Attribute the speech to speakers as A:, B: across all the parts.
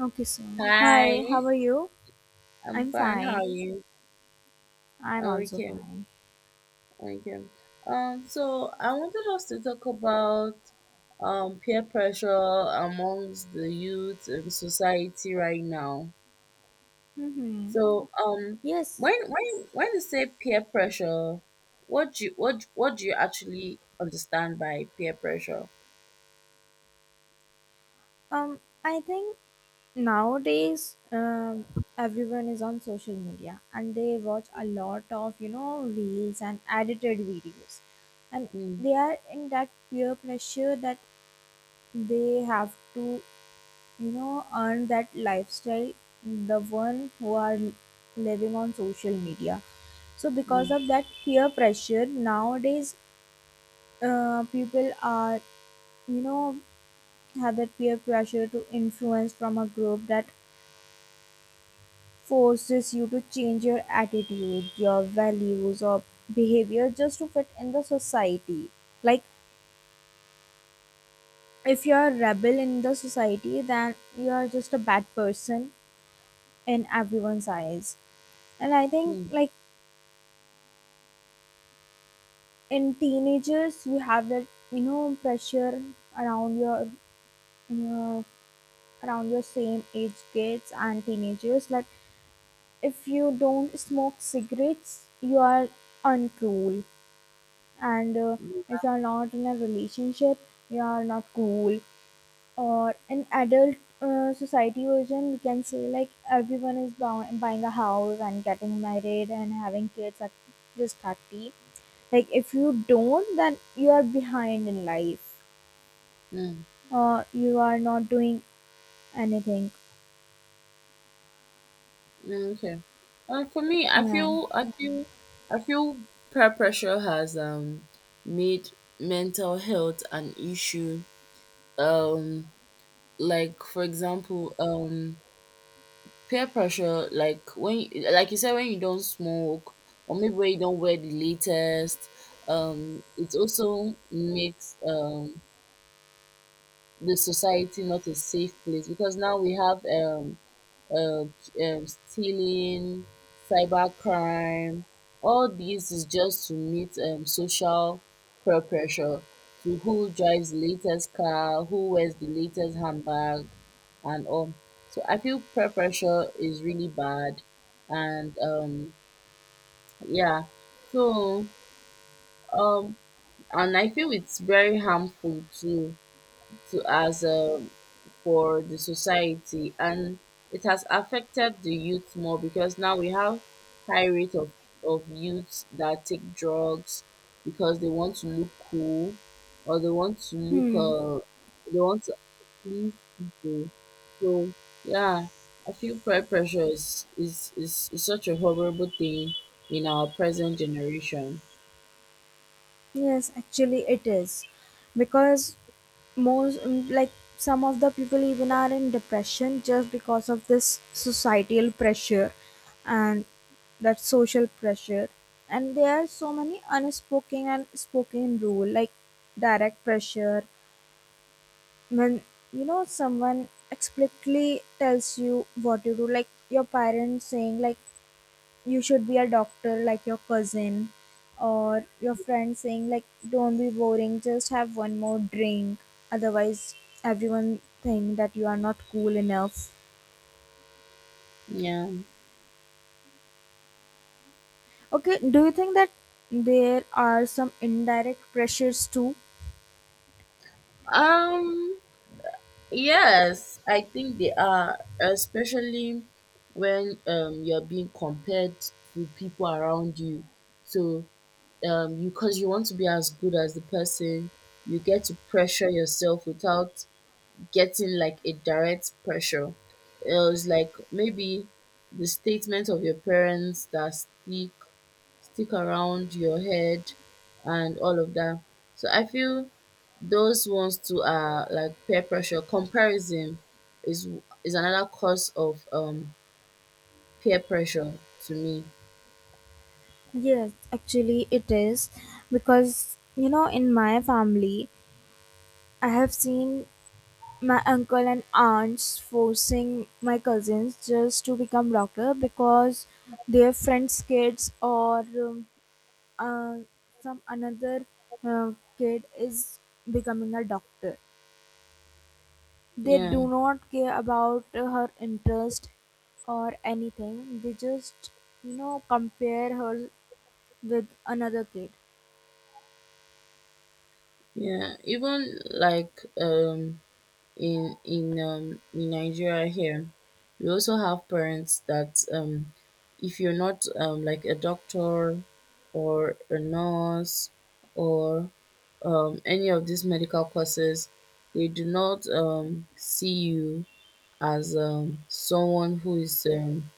A: Okay, so
B: Hi,
A: hi, how are you?
B: I'm
A: I'm
B: fine. How
A: fine.
B: are you?
A: I'm
B: Oh,
A: also
B: okay,
A: fine.
B: okay. So I wanted us to talk about peer pressure amongst the youth in society right now.
A: Mm-hmm.
B: So
A: Yes.
B: when you say peer pressure, what do you what do you actually understand by peer pressure?
A: I think nowadays, everyone is on social media and they watch a lot of reels and edited videos, and
B: Mm,
A: they are in that peer pressure that they have to earn that lifestyle. The one who are living on social media. So because of
B: mm,
A: that peer pressure, nowadays people are you know have that peer pressure to influence from a group that forces you to change your attitude your values or behavior just to fit in the society, like if you're a rebel in the society then you're just a bad person in everyone's eyes. And I think
B: mm,
A: like in teenagers you have that pressure around your you know, around your same age kids and teenagers, like if you don't smoke cigarettes, you are uncool. And
B: mm,
A: if you are not in a relationship, you are not cool. Or in adult society version, we can say like everyone is buying a house and getting married and having kids at this 30. Like if you don't, then you are behind in life.
B: mm.
A: You are not doing anything.
B: Okay. For me, I
A: Yeah.
B: feel I feel peer pressure has made mental health an issue. Um, like for example, peer pressure, like when you, like you said, when you don't smoke or maybe when you don't wear the latest. It also makes the society not a safe place, because now we have um stealing, cybercrime. All this is just to meet social peer pressure, to who drives the latest car, who wears the latest handbag, and all. So I feel peer pressure is really bad, and yeah. So, um, and I feel it's very harmful to as a for the society, and it has affected the youth more, because now we have high rate of youths that take drugs because they want to look cool, or
A: Hmm.
B: they want to please people. So yeah, I feel peer pressure is is such a horrible thing in our present generation.
A: Yes, actually it is. Because most like some of the people even are in depression just because of this societal pressure and that social pressure, and there are so many unspoken and spoken rule like direct pressure when someone explicitly tells you what to do, like your parents saying like you should be a doctor like your cousin, or your friend saying like don't be boring, just have one more drink, otherwise everyone think that you are not cool enough.
B: Yeah.
A: Okay, do you think that there are some indirect pressures too?
B: um Yes, I think they are, especially when you're being compared to people around you. So you because you want to be as good as the person, you get to pressure yourself without getting like a direct pressure. It was like maybe the statement of your parents that stick around your head and all of that. So I feel those ones too are like peer pressure. Comparison is another cause of peer pressure to me.
A: Yes, actually it is, because in my family I have seen my uncle and aunts forcing my cousins just to become doctor because their friends kids, or um, uh, some another kid is becoming a doctor. They
B: Yeah,
A: do not care about her interest or anything, they just compare her with another kid.
B: yeah. Even like in Nigeria here, we also have parents that if you're not like a doctor or a nurse or any of these medical courses, they do not see you as someone who is um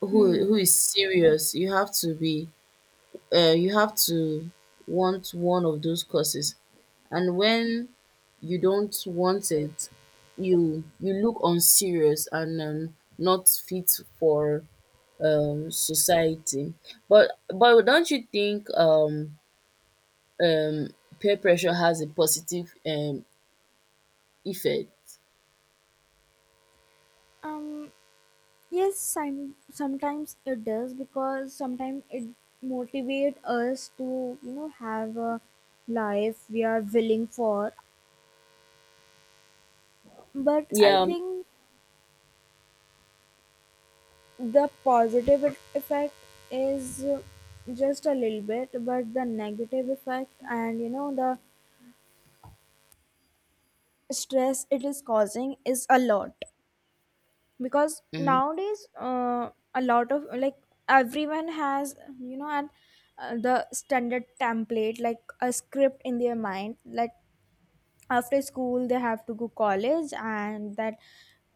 B: who who
A: Hmm.
B: is serious. You have to want one of those courses, and when you don't want it, you look unserious and not fit for society. But don't you think um peer pressure has a positive effect?
A: um Yes, sometimes it does, because sometimes it motivate us to have a life we are willing for. But I
B: Yeah.
A: think the positive effect is just a little bit, but the negative effect and the stress it is causing is a lot. Because
B: Mm,
A: nowadays a lot of like everyone has and the standard template, like a script in their mind, like after school they have to go college and that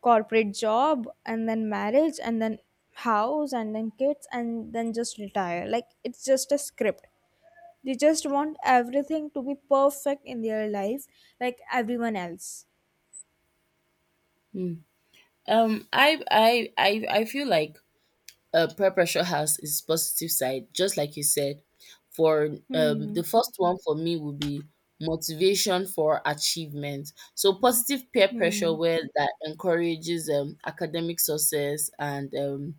A: corporate job and then marriage and then house and then kids and then just retire, like it's just a script. They just want everything to be perfect in their life like everyone else.
B: mm. I feel like peer pressure has its positive side, just like you said. For
A: Hmm.
B: the first one for me would be motivation for achievement. So positive peer pressure,
A: Hmm.
B: where that encourages academic success and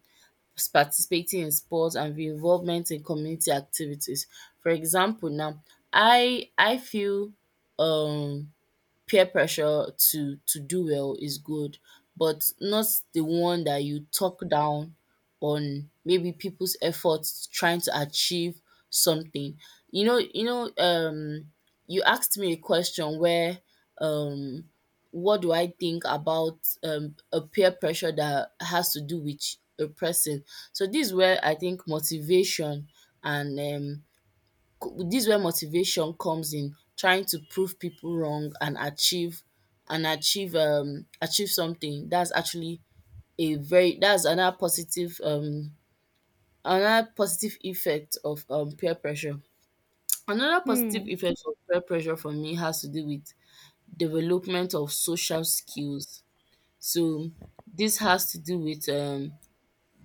B: participating in sports and the involvement in community activities. For example, now I feel um peer pressure to do well is good, but not the one that you talk down on maybe people's efforts trying to achieve something. You know, you know, um, you asked me a question where, um, what do I think about a peer pressure that has to do with a person? So this is where I think motivation, and this is where motivation comes in, trying to prove people wrong and achieve something. That's actually a very that's another positive, effect of peer pressure. Another positive
A: Hmm.
B: effect of peer pressure for me has to do with development of social skills. So this has to do with um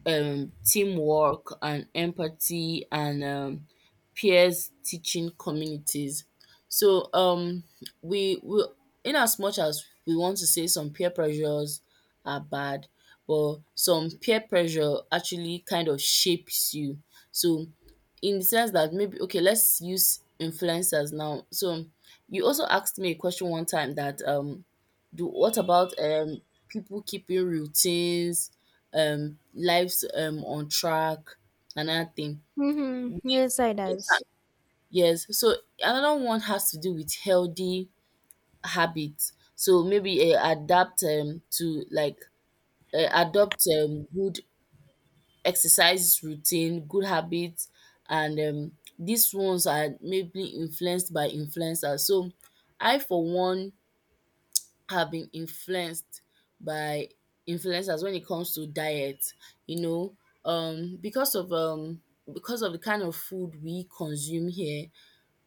B: um teamwork and empathy and peers teaching communities. So we in as much as we want to say some peer pressures are bad, but some peer pressure actually kind of shapes you. So, in the sense that maybe okay, let's use influencers now. So you also asked me a question one time that do what about people keeping routines, lives on track, another thing.
A: Mm-hmm. Yes, I does.
B: Inter- Yes, so another one has to do with healthy habits. So maybe adapt to like adopt good exercise routine, good habits, and these ones are maybe influenced by influencers. So I, for one, have been influenced by influencers when it comes to diet, you know, um because of um because of the kind of food we consume here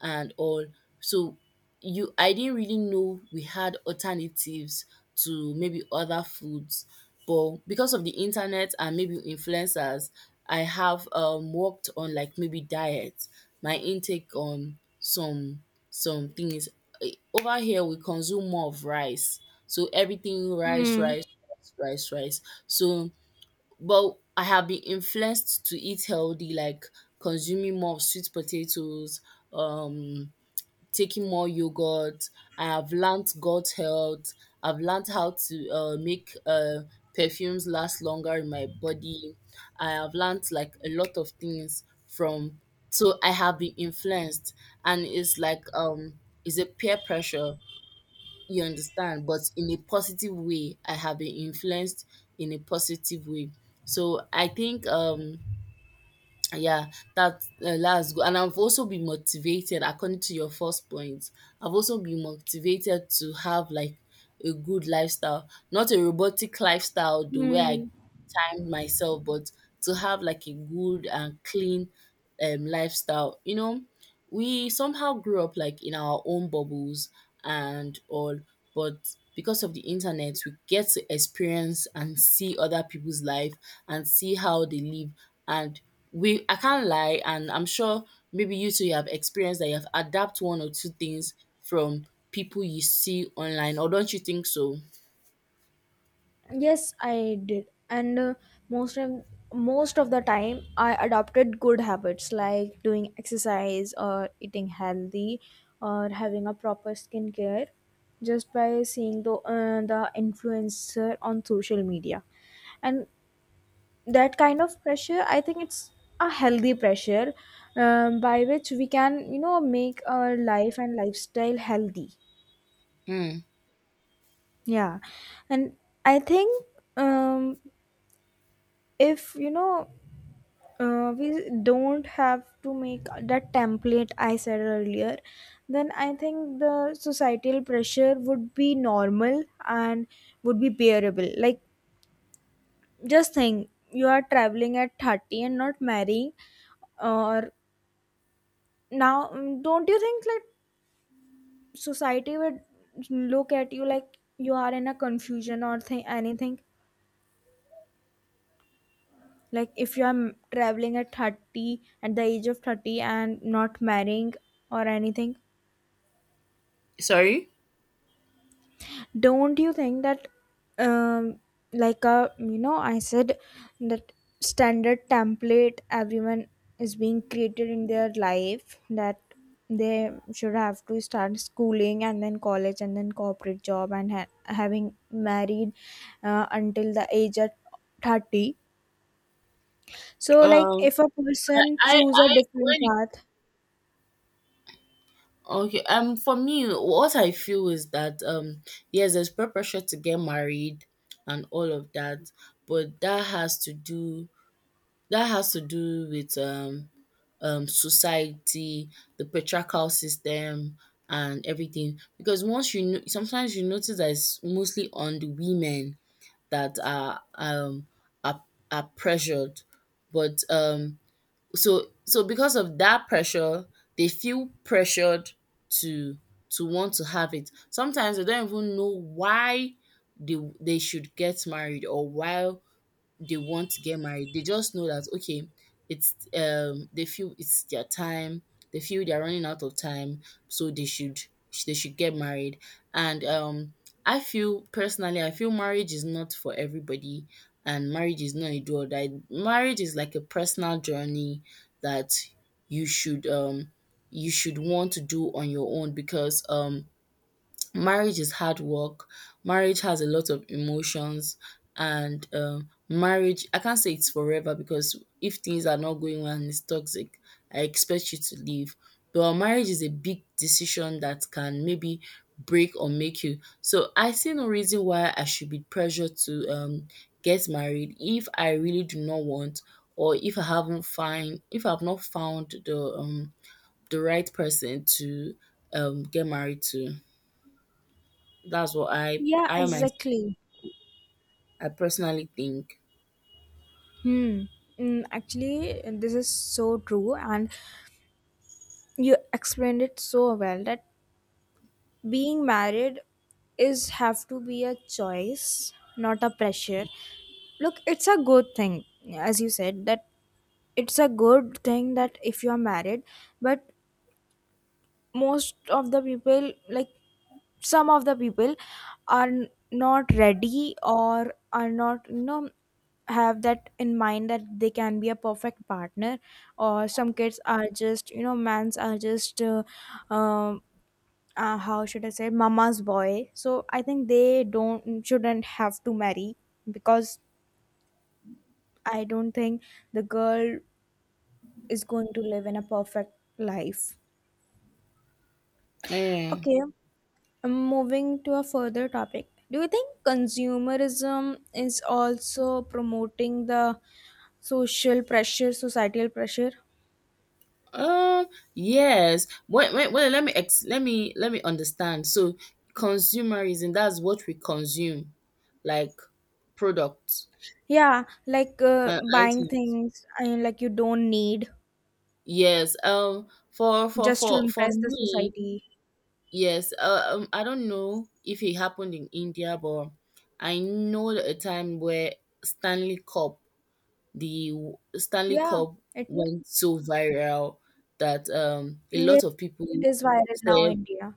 B: and all. So you I didn't really know we had alternatives to maybe other foods. But because of the internet and maybe influencers, I have worked on like maybe diet, my intake on some things. Over here we consume more of rice. So everything rice,
A: Hmm.
B: rice, rice, rice, rice. So, but I have been influenced to eat healthy, like consuming more of sweet potatoes, um taking more yogurt. I have learnt gut health. I've learnt how to make perfumes last longer in my body. I have learnt like a lot of things from. So I have been influenced, and it's like, it's a peer pressure. You understand, but in a positive way. I have been influenced in a positive way. So I think, yeah, that that's good. And I've also been motivated, according to your first point. I've also been motivated to have like a good lifestyle, not a robotic lifestyle, the way I
A: Hmm.
B: time myself, but to have like a good and clean lifestyle. You know, we somehow grew up like in our own bubbles and all, but because of the internet, we get to experience and see other people's life and see how they live. And I can't lie, and I'm sure maybe you too, you have experienced that you have adapt one or two things from people you see online, or don't you think so?
A: Yes, I did. And most of most of the time, I adopted good habits like doing exercise or eating healthy or having a proper skincare just by seeing the influencer on social media. And that kind of pressure, I think it's a healthy pressure by which we can, make our life and lifestyle healthy.
B: Hmm.
A: Yeah, and I think um, if we don't have to make that template I said earlier, then I think the societal pressure would be normal and would be bearable. Like just think you are traveling at 30 and not marrying, or now don't you think like society would look at you like you are in a confusion or anything, like if you are traveling at 30 at the age of 30 and not marrying or anything.
B: Sorry.
A: Don't you think that um like a I said that standard template everyone is being created in their life that they should have to start schooling and then college and then corporate job and having married until the age of 30, so like
B: Um.
A: if a person
B: I
A: choose a
B: I when
A: different
B: it,
A: path?
B: okay for me what I feel is that, yes, there's peer pressure to get married and all of that, but that has to do, with society, the patriarchal system, and everything, because once, you know, sometimes you notice that it's mostly on the women that are, are pressured. But so because of that pressure, they feel pressured to want to have it. Sometimes they don't even know why they should get married, or why they want to get married. They just know that okay, it's, they feel it's their time. They feel they're running out of time, so they should get married. And, I feel, personally, I feel marriage is not for everybody, and marriage is not a do or die. Marriage is like a personal journey that you should um you should want to do on your own, because marriage is hard work. Marriage has a lot of emotions, and, marriage, I can't say it's forever, because if things are not going well and it's toxic, I expect you to leave. But marriage is a big decision that can maybe break or make you. So I see no reason why I should be pressured to, get married if I really do not want, or if I haven't find if I've not found the, the right person to, get married to. That's what I
A: Yeah,
B: I myself,
A: exactly.
B: I personally think.
A: Hmm. Actually, this is so true, and you explained it so well that being married is have to be a choice, not a pressure. Look, it's a good thing, as you said, that it's a good thing that if you are married, but most of the people like some of the people are not ready or are not have that in mind that they can be a perfect partner, or some kids are just mans are just um how should I say mama's boy, so I think they don't shouldn't have to marry, because I don't think the girl is going to live in a perfect life.
B: Yeah.
A: Okay. Moving to a further topic, do you think consumerism is also promoting the social pressure, societal pressure?
B: Um. Yes. Wait. Wait. Wait. Let me ex- let me understand. So, consumerism. That's what we consume, like products
A: Yeah, like
B: and
A: buying
B: items.
A: things, I mean, like you don't need,
B: Yes. For for
A: just to
B: for for
A: impress the
B: me.
A: society.
B: Yes. I don't know if it happened in India, but I know a time where Stanley Cup the Stanley
A: Yeah,
B: Cup
A: it
B: went so viral that a
A: yes,
B: lot of people
A: it is viral now
B: started.
A: in India.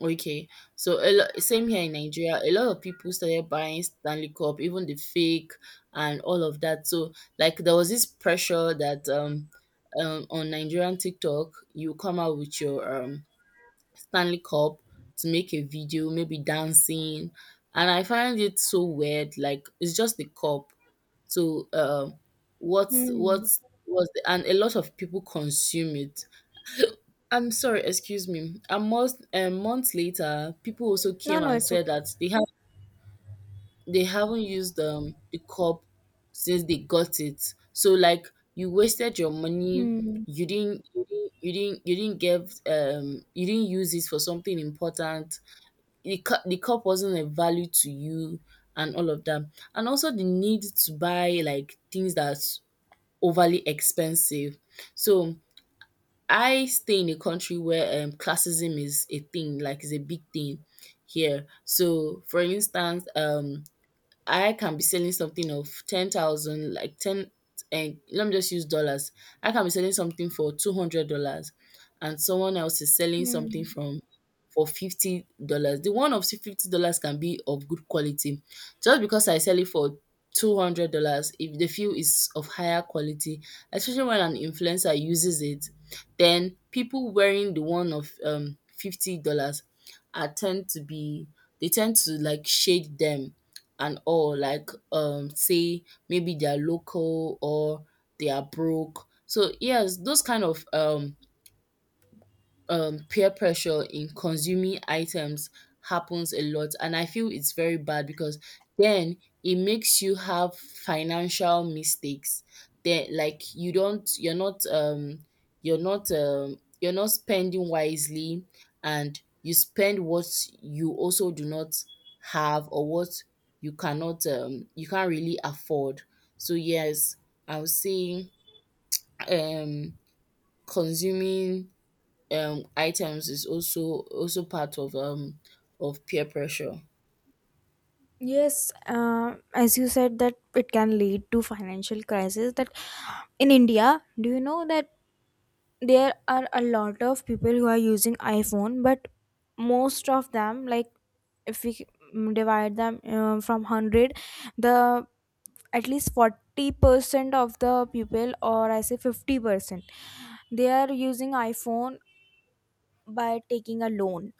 B: Okay. So a lot, same here in Nigeria, a lot of people started buying Stanley Cup, even the fake, and all of that. So, like, there was this pressure that on Nigerian TikTok you come out with your Stanley Cup to make a video, maybe dancing, and I find it so weird. Like, it's just the cup. So,
A: Hmm.
B: what's was the and a lot of people consume it. I'm sorry, excuse me. A month later, people also
A: No,
B: came
A: no,
B: and
A: it's
B: said
A: okay.
B: that they haven't used the cup since they got it. So like, you wasted your money,
A: Hmm.
B: you didn't you didn't you didn't you didn't give you didn't use it for something important. The cup wasn't a value to you, and all of that. And also the need to buy like things that's overly expensive. So I stay in a country where classism is a thing, like it's a big thing here. So, for instance, I can be selling something of 10,000, like ten, and let me just use dollars. I can be selling something for $200, and someone else is selling something
A: Hmm.
B: from for $50. The one of $50 can be of good quality. Just because I sell it for $200, if they feel is of higher quality, especially when an influencer uses it, then people wearing the one of $50 are tend to be they tend to like shade them and all, like say maybe they are local or they are broke. So yes, those kind of peer pressure in consuming items happens a lot, and I feel it's very bad because then it makes you have financial mistakes. Then, like, you're not spending wisely, and you spend what you also do not have, or what you cannot you can't really afford. So yes, I would say um consuming items is also part of peer pressure.
A: Yes, as you said that it can lead to financial crisis. That in India, do you know that there are a lot of people who are using iPhone, but most of them like if we divide them from 100, the at least 40% of the people or I say 50%, they are using iPhone by taking a loan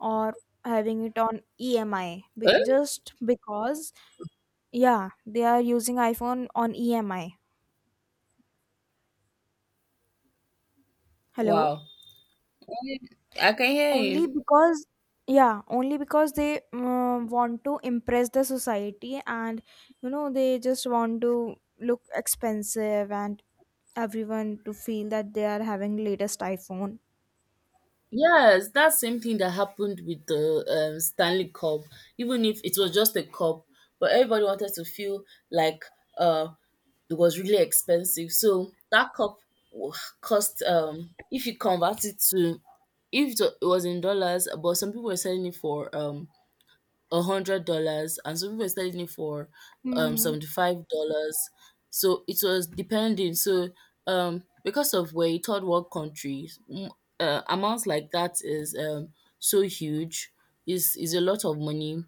A: or having it on emi
B: Eh?
A: just because. Yeah, they are using iPhone on emi. Hello.
B: Wow. I can hear
A: Only
B: you.
A: because, yeah, only because they want to impress the society, and they just want to look expensive and everyone to feel that they are having latest iPhone.
B: Yes, that same thing that happened with the Stanley Cup. Even if it was just a cup, but everybody wanted to feel like, uh, it was really expensive. So that cup wa- cost, if you convert it to, if it wa- it was in dollars, but some people were selling it for $100 and some people were selling it for
A: Hmm.
B: $75. So it was depending. So because of we're a third world country, amounts like that is so huge, is a lot of money.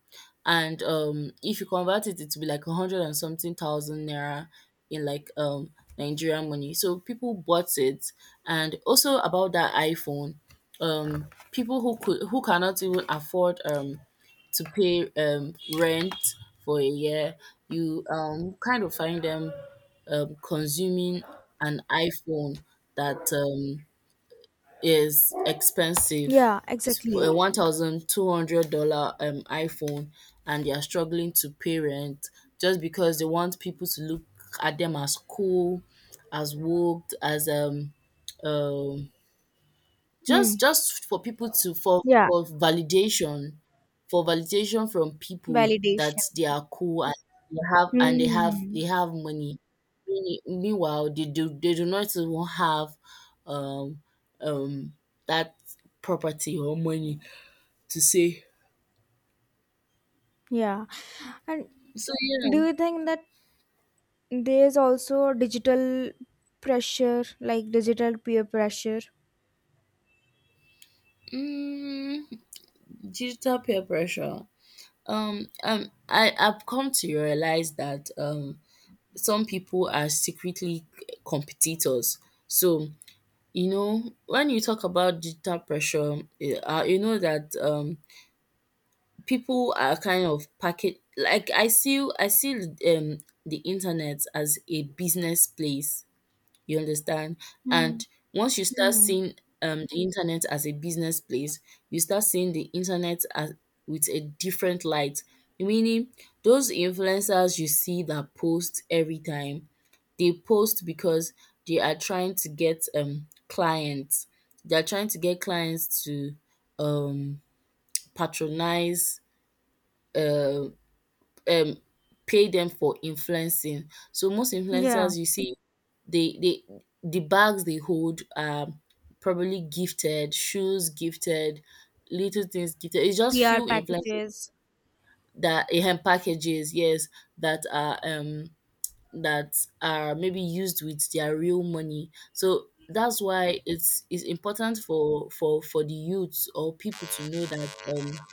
B: And if you convert it, it will be like a hundred and something thousand naira in, like, Nigerian money, so people bought it. And also about that iPhone, um people who cannot even afford to pay rent for a year, you kind of find them consuming an iPhone that is expensive.
A: Yeah,
B: It's
A: exactly.
B: a $1,200 iPhone, and they are struggling to pay rent just because they want people to look at them as cool, as woke, as um
A: Hmm.
B: just for people to for
A: Yeah.
B: validation. For validation from people that
A: Validation.
B: they are cool and they
A: Hmm.
B: have money. Meanwhile, they do not even have um um that property or money to say.
A: Yeah. And
B: So yeah.
A: do you think that there's also digital pressure like digital peer pressure?
B: mm, digital peer pressure. I've come to realize that some people are secretly competitors. So, you know, when you talk about digital pressure, you know that, people are kind of packet. Like, I see, the internet as a business place, you understand?
A: Hmm.
B: And once you start
A: Hmm.
B: seeing, the internet as a business place, you start seeing the internet as with a different light. Meaning, those influencers you see that post every time, they post because they are trying to get clients. They are trying to get clients to um patronize, uh, um, pay them for influencing. So most
A: Yeah.
B: influencers you see, they the bags they hold are probably gifted, shoes gifted, little things gifted. It's just
A: PR
B: few influences
A: packages.
B: that, packages, yes, that are um that are maybe used with their real money. So that's why it's important for the youths or people to know that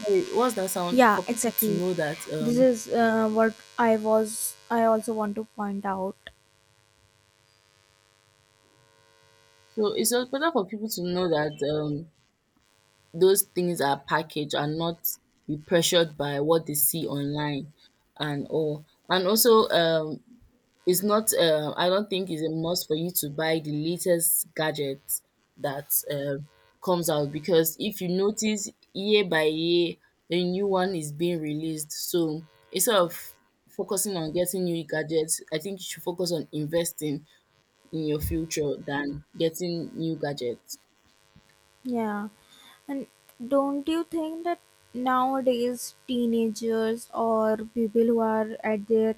B: sorry, what's that sound,
A: Yeah,
B: for people to
A: exactly.
B: know that
A: This is what I was. I also want to point out.
B: so it's important for people to know that those things are packaged and not be pressured by what they see online and all. And also, it's not, I don't think it's a must for you to buy the latest gadget that, comes out, because if you notice year by year, a new one is being released. So instead of focusing on getting new gadgets, I think you should focus on investing in your future than getting new gadgets.
A: Yeah, and don't you think that nowadays teenagers or people who are at their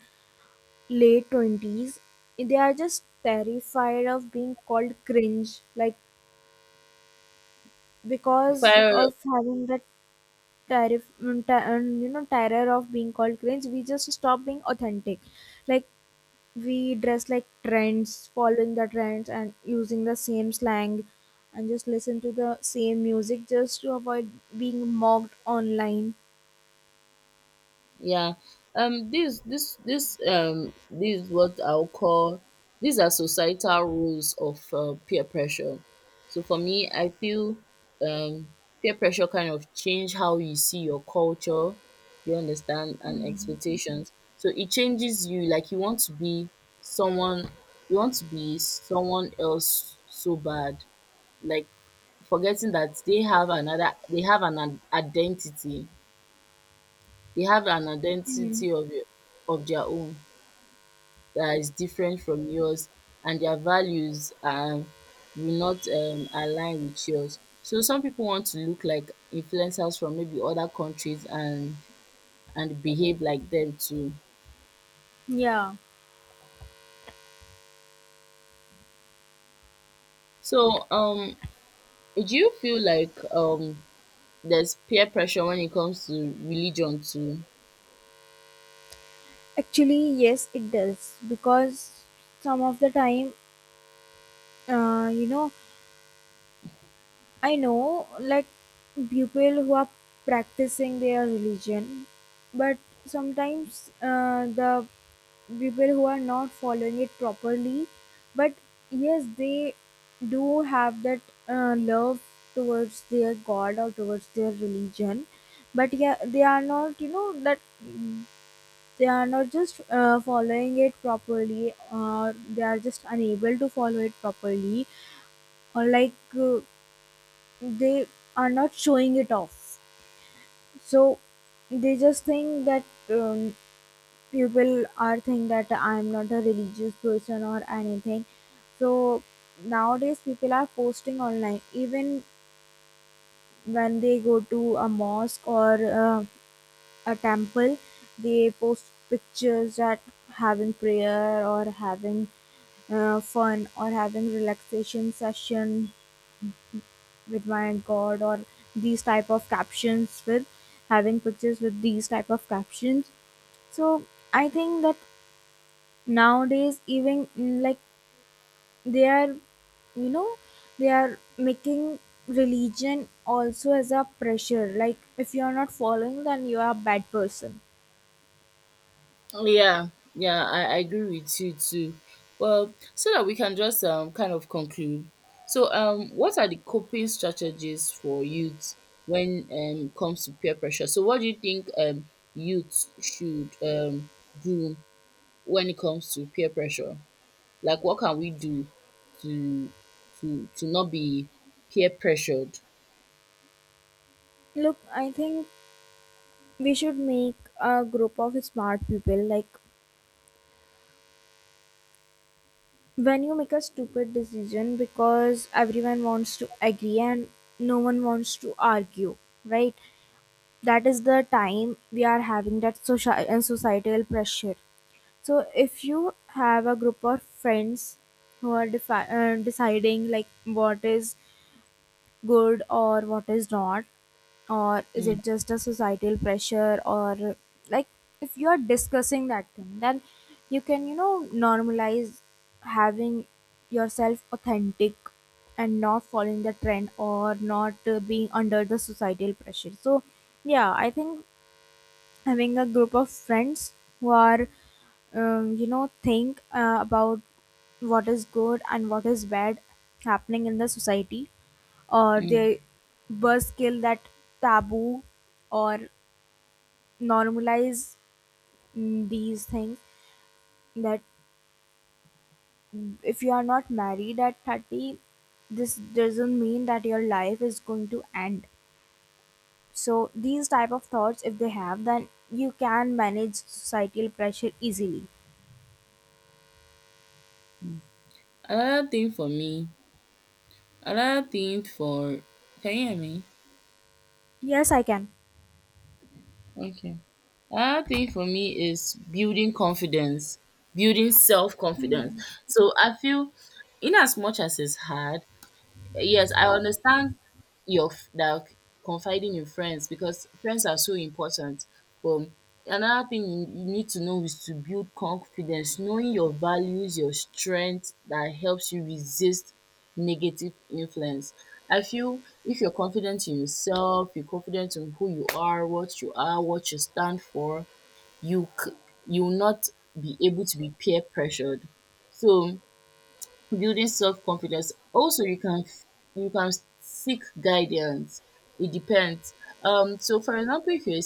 A: late 20s, they are just terrified of being called cringe, like because
B: Fire.
A: of having that terror of being called cringe. We just stop being authentic, like we dress like trends, following the trends and using the same slang and just listen to the same music just to avoid being mocked online.
B: Yeah. This is what I'll call, these are societal rules of peer pressure. So for me, I feel um peer pressure kind of change how you see your culture, you understand, and expectations. So it changes you, like you want to be someone, you want to be someone else so bad. Like, forgetting that they have an identity. They have an
A: Hmm.
B: identity of your of their own that is different from yours, and their values are will not align with yours. So some people want to look like influencers from maybe other countries and behave like them too.
A: Yeah,
B: So do you feel like there's peer pressure when it comes to religion too?
A: actually, yes, it does because some of the time, uh, you know, I know like people who are practicing their religion, but sometimes the people who are not following it properly, but yes they do have that love towards their God or towards their religion, but yeah they are not that they are not just following it properly, or they are just unable to follow it properly, or like uh, they are not showing it off, so they just think that um, people are think that I'm not a religious person or anything. So nowadays people are posting online, even when they go to a mosque or uh, a temple, they post pictures that having prayer or having fun or having relaxation session with my God, or these type of captions with having pictures with these type of captions. So I think that nowadays even like they are you know they are making religion also as a pressure, like if you are not following then you are a bad person.
B: Yeah, yeah, I agree with you too. Well, so that we can just kind of conclude. So what are the coping strategies for youth when it comes to peer pressure? So what do you think youth should do when it comes to peer pressure? Like, what can we do to not be peer pressured?
A: Look, I think we should make a group of smart people, like, when you make a stupid decision because everyone wants to agree and no one wants to argue, right? That is the time we are having that social and societal pressure. So if you have a group of friends who are deciding like what is good or what is not, or is
B: Mm,
A: it just a societal pressure, or like if you are discussing that thing then you can normalize having yourself authentic and not following the trend or not being under the societal pressure. So yeah, I think having a group of friends who are think about what is good and what is bad happening in the society, or
B: mm.
A: they were skill that taboo or normalize these things that if you are not married at 30, this doesn't mean that your life is going to end. So these type of thoughts if they have then you can manage societal pressure easily.
B: Another thing for me, another thing for, can you hear me?
A: Yes, I can.
B: Okay. Another thing for me is building confidence, building self confidence.
A: Hmm.
B: So I feel, in as much as it's hard, yes, I understand that confiding in friends, because friends are so important. But another thing you, you need to know is to build confidence, knowing your values, your strength that helps you resist negative influence. I feel if you're confident in yourself, you're confident in who you are, what you are, what you stand for, you c- you will not be able to be peer pressured. So, building self confidence. Also, you can seek guidance. It depends. So for example, if you're a